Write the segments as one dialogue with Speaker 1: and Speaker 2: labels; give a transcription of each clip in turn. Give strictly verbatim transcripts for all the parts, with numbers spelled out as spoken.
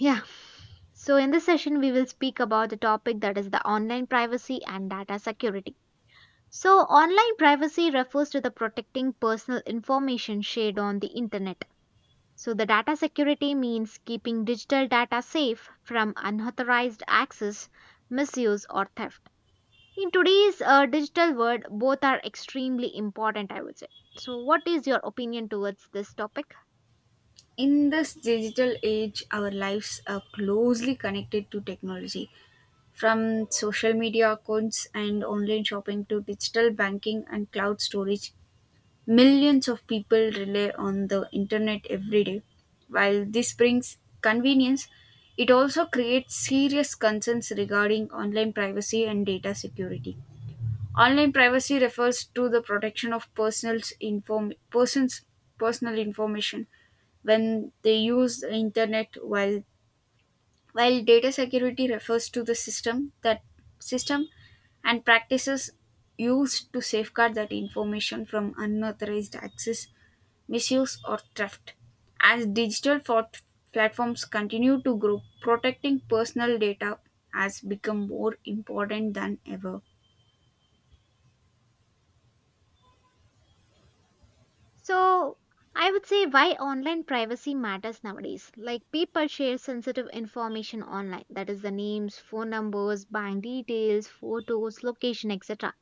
Speaker 1: Yeah. So, in this session, we will speak about the topic that is the online privacy and data security. So, online privacy refers to the protecting personal information shared on the internet. So, the data security means keeping digital data safe from unauthorized access, misuse, or theft. In today's uh, digital world, both are extremely important, I would say. So, what is your opinion towards this topic?
Speaker 2: In this digital age, our lives are closely connected to technology. From social media accounts and online shopping to digital banking and cloud storage, millions of people rely on the internet every day. While this brings convenience, it also creates serious concerns regarding online privacy and data security. Online privacy refers to the protection of personal inform- persons' personal information when they use the internet, while while data security refers to the system that system and practices used to safeguard that information from unauthorized access, misuse, or theft. As digital fort- platforms continue to grow, protecting personal data has become more important than ever.
Speaker 1: So, I would say why online privacy matters nowadays. Like, people share sensitive information online that is, the names, phone numbers, bank details, photos, location, et cetera.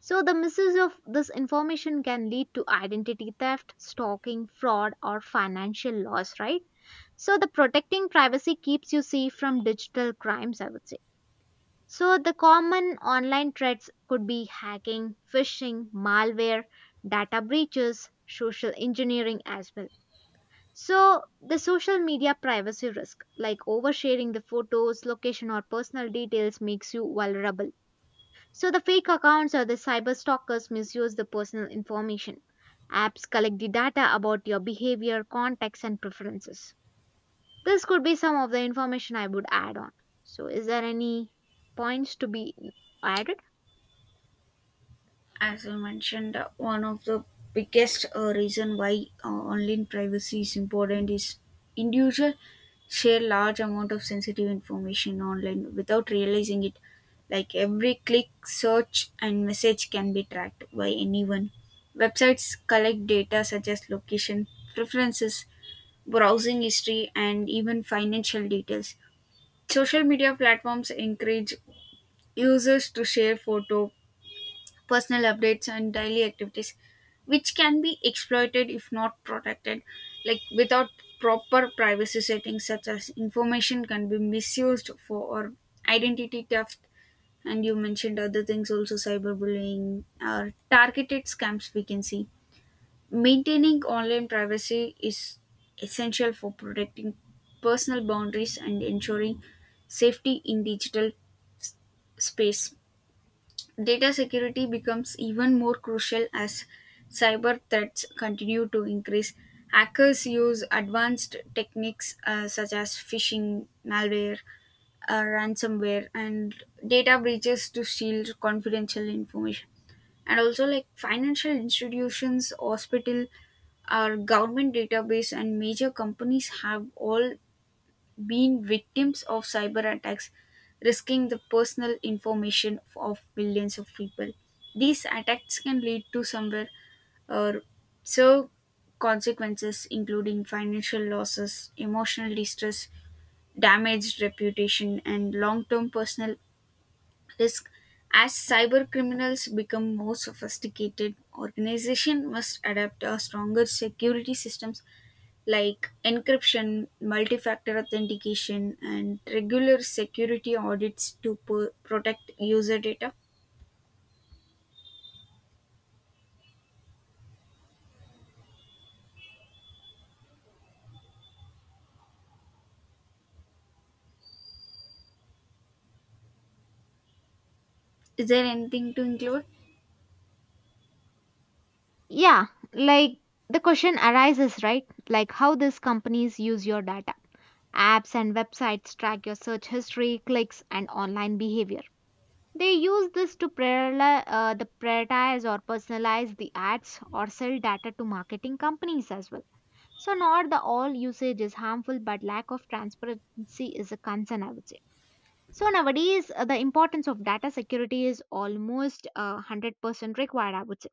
Speaker 1: So, the misuse of this information can lead to identity theft, stalking, fraud, or financial loss, right? So, the protecting privacy keeps you safe from digital crimes, I would say. So, the common online threats could be hacking, phishing, malware, data breaches, social engineering as well. So, the social media privacy risk, like oversharing the photos, location, or personal details, makes you vulnerable. So, the fake accounts or the cyber stalkers misuse the personal information. Apps collect the data about your behavior, contacts, and preferences. This could be some of the information I would add on. So, is there any points to be added?
Speaker 2: As I mentioned, uh, one of the biggest uh, reason why uh, online privacy is important is individuals share large amount of sensitive information online without realizing it. Like every click, search, and message can be tracked by anyone. Websites collect data such as location, preferences, browsing history, and even financial details. Social media platforms encourage users to share photo, personal updates, and daily activities, which can be exploited if not protected. Like, without proper privacy settings, such as information can be misused for or identity theft, and you mentioned other things also, cyberbullying or targeted scams we can see. Maintaining online privacy is essential for protecting personal boundaries and ensuring safety in digital space. Data security becomes even more crucial as cyber threats continue to increase. Hackers use advanced techniques uh, such as phishing, malware, uh, ransomware, and data breaches to steal confidential information. And also, like, financial institutions, hospital, our government database, and major companies have all been victims of cyber attacks, risking the personal information of millions of people. These attacks can lead to somewhere or so consequences, including financial losses, emotional distress, damaged reputation, and long term personal risk. As cyber criminals become more sophisticated, organizations must adapt a stronger security systems like encryption, multi factor authentication, and regular security audits to p- protect user data. Is there anything to include?
Speaker 1: Yeah, like the question arises, right? Like how these companies use your data. Apps and websites track your search history, clicks, and online behavior. They use this to prioritize, uh, the prioritize or personalize the ads or sell data to marketing companies as well. So, not the all usage is harmful, but lack of transparency is a concern, I would say. So, nowadays, uh, the importance of data security is almost uh, one hundred percent required, I would say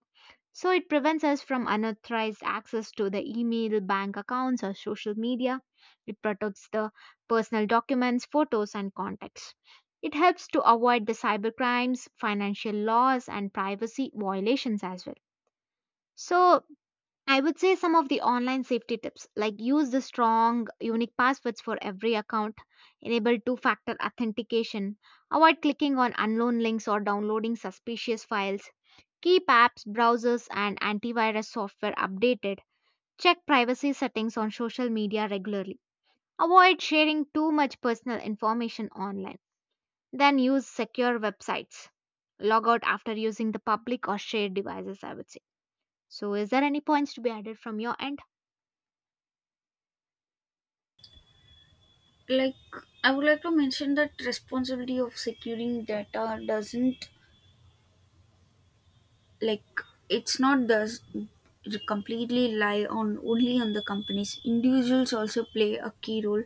Speaker 1: so it prevents us from unauthorized access to the email, bank accounts, or social media. It protects the personal documents, photos, and contacts. It helps to avoid the cybercrimes, financial laws, and privacy violations as well. So I would say some of the online safety tips like use the strong, unique passwords for every account, enable two factor authentication, avoid clicking on unknown links or downloading suspicious files, keep apps, browsers, and antivirus software updated. Check privacy settings on social media regularly. Avoid sharing too much personal information online. Then use secure websites. Log out after using the public or shared devices, I would say. So, is there any points to be added from your end?
Speaker 2: Like, I would like to mention that responsibility of securing data doesn't, like, it's not does completely lie on only on the companies. Individuals also play a key role.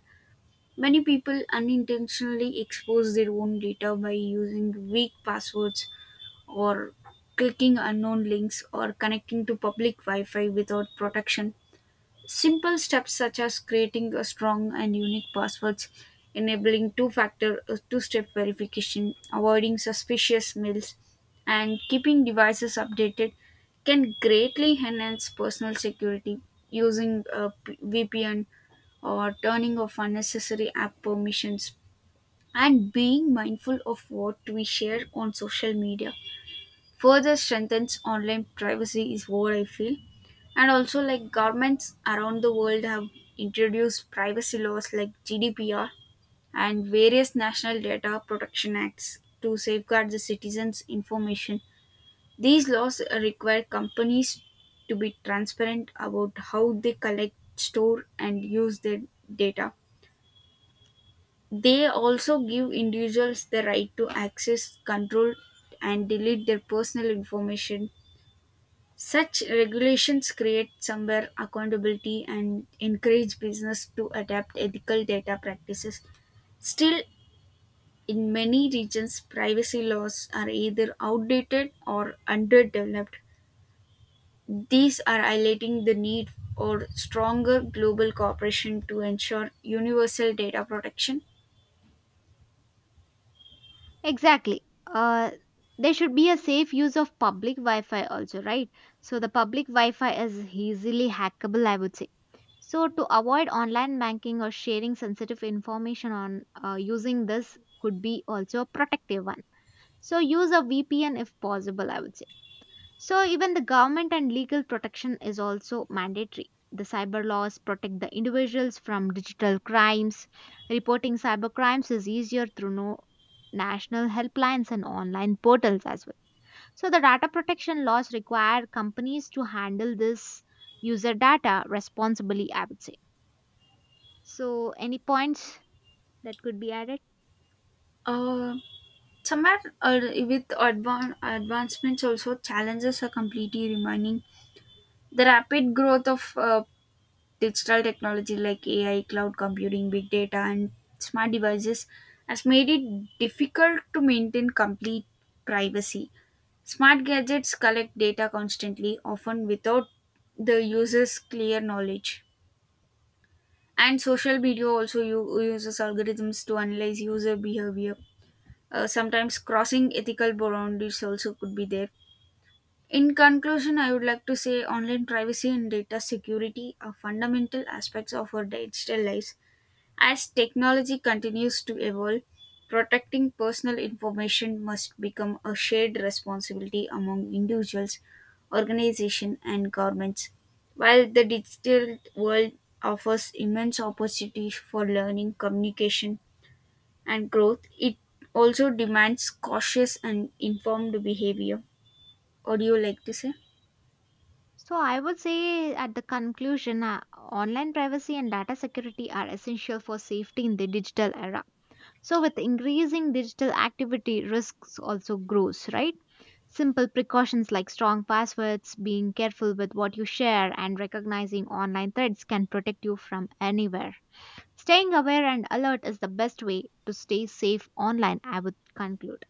Speaker 2: Many people unintentionally expose their own data by using weak passwords, or clicking unknown links, or connecting to public Wi Fi without protection. Simple steps such as creating a strong and unique passwords, enabling two factor two step verification, avoiding suspicious mails, and keeping devices updated can greatly enhance personal security. Using a P- V P N, or turning off unnecessary app permissions, and being mindful of what we share on social media further strengthens online privacy, is what I feel. And also, like, governments around the world have introduced privacy laws like G D P R and various national data protection acts to safeguard the citizens' information. These laws require companies to be transparent about how they collect, store, and use their data. They also give individuals the right to access, control, and delete their personal information. Such regulations create somewhere accountability and encourage business to adapt ethical data practices. Still, in many regions, privacy laws are either outdated or underdeveloped. These are highlighting the need for stronger global cooperation to ensure universal data protection.
Speaker 1: Exactly. Uh, there should be a safe use of public Wi Fi also, right? So the public Wi Fi is easily hackable, I would say. So to avoid online banking or sharing sensitive information on uh, using this could be also a protective one. So use a V P N if possible, I would say. So even the government and legal protection is also mandatory. The cyber laws protect the individuals from digital crimes. Reporting cyber crimes is easier through no national helplines and online portals as well. So the data protection laws require companies to handle this user data responsibly, I would say. So any points that could be added?
Speaker 2: Um, Somewhat, uh, with advan- advancements, also challenges are completely remaining. The rapid growth of uh, digital technology like A I, cloud computing, big data, and smart devices has made it difficult to maintain complete privacy. Smart gadgets collect data constantly, often without the user's clear knowledge. And social media also u- uses algorithms to analyze user behavior. Uh, sometimes crossing ethical boundaries also could be there. In conclusion, I would like to say online privacy and data security are fundamental aspects of our digital lives. As technology continues to evolve, protecting personal information must become a shared responsibility among individuals, organizations, and governments. While the digital world offers immense opportunities for learning, communication, and growth, it also demands cautious and informed behavior. What do you like to say?
Speaker 1: So I would say at the conclusion, uh, online privacy and data security are essential for safety in the digital era. So, with increasing digital activity, risks also grows, right? Simple precautions like strong passwords, being careful with what you share, and recognizing online threats can protect you from anywhere. Staying aware and alert is the best way to stay safe online, I would conclude.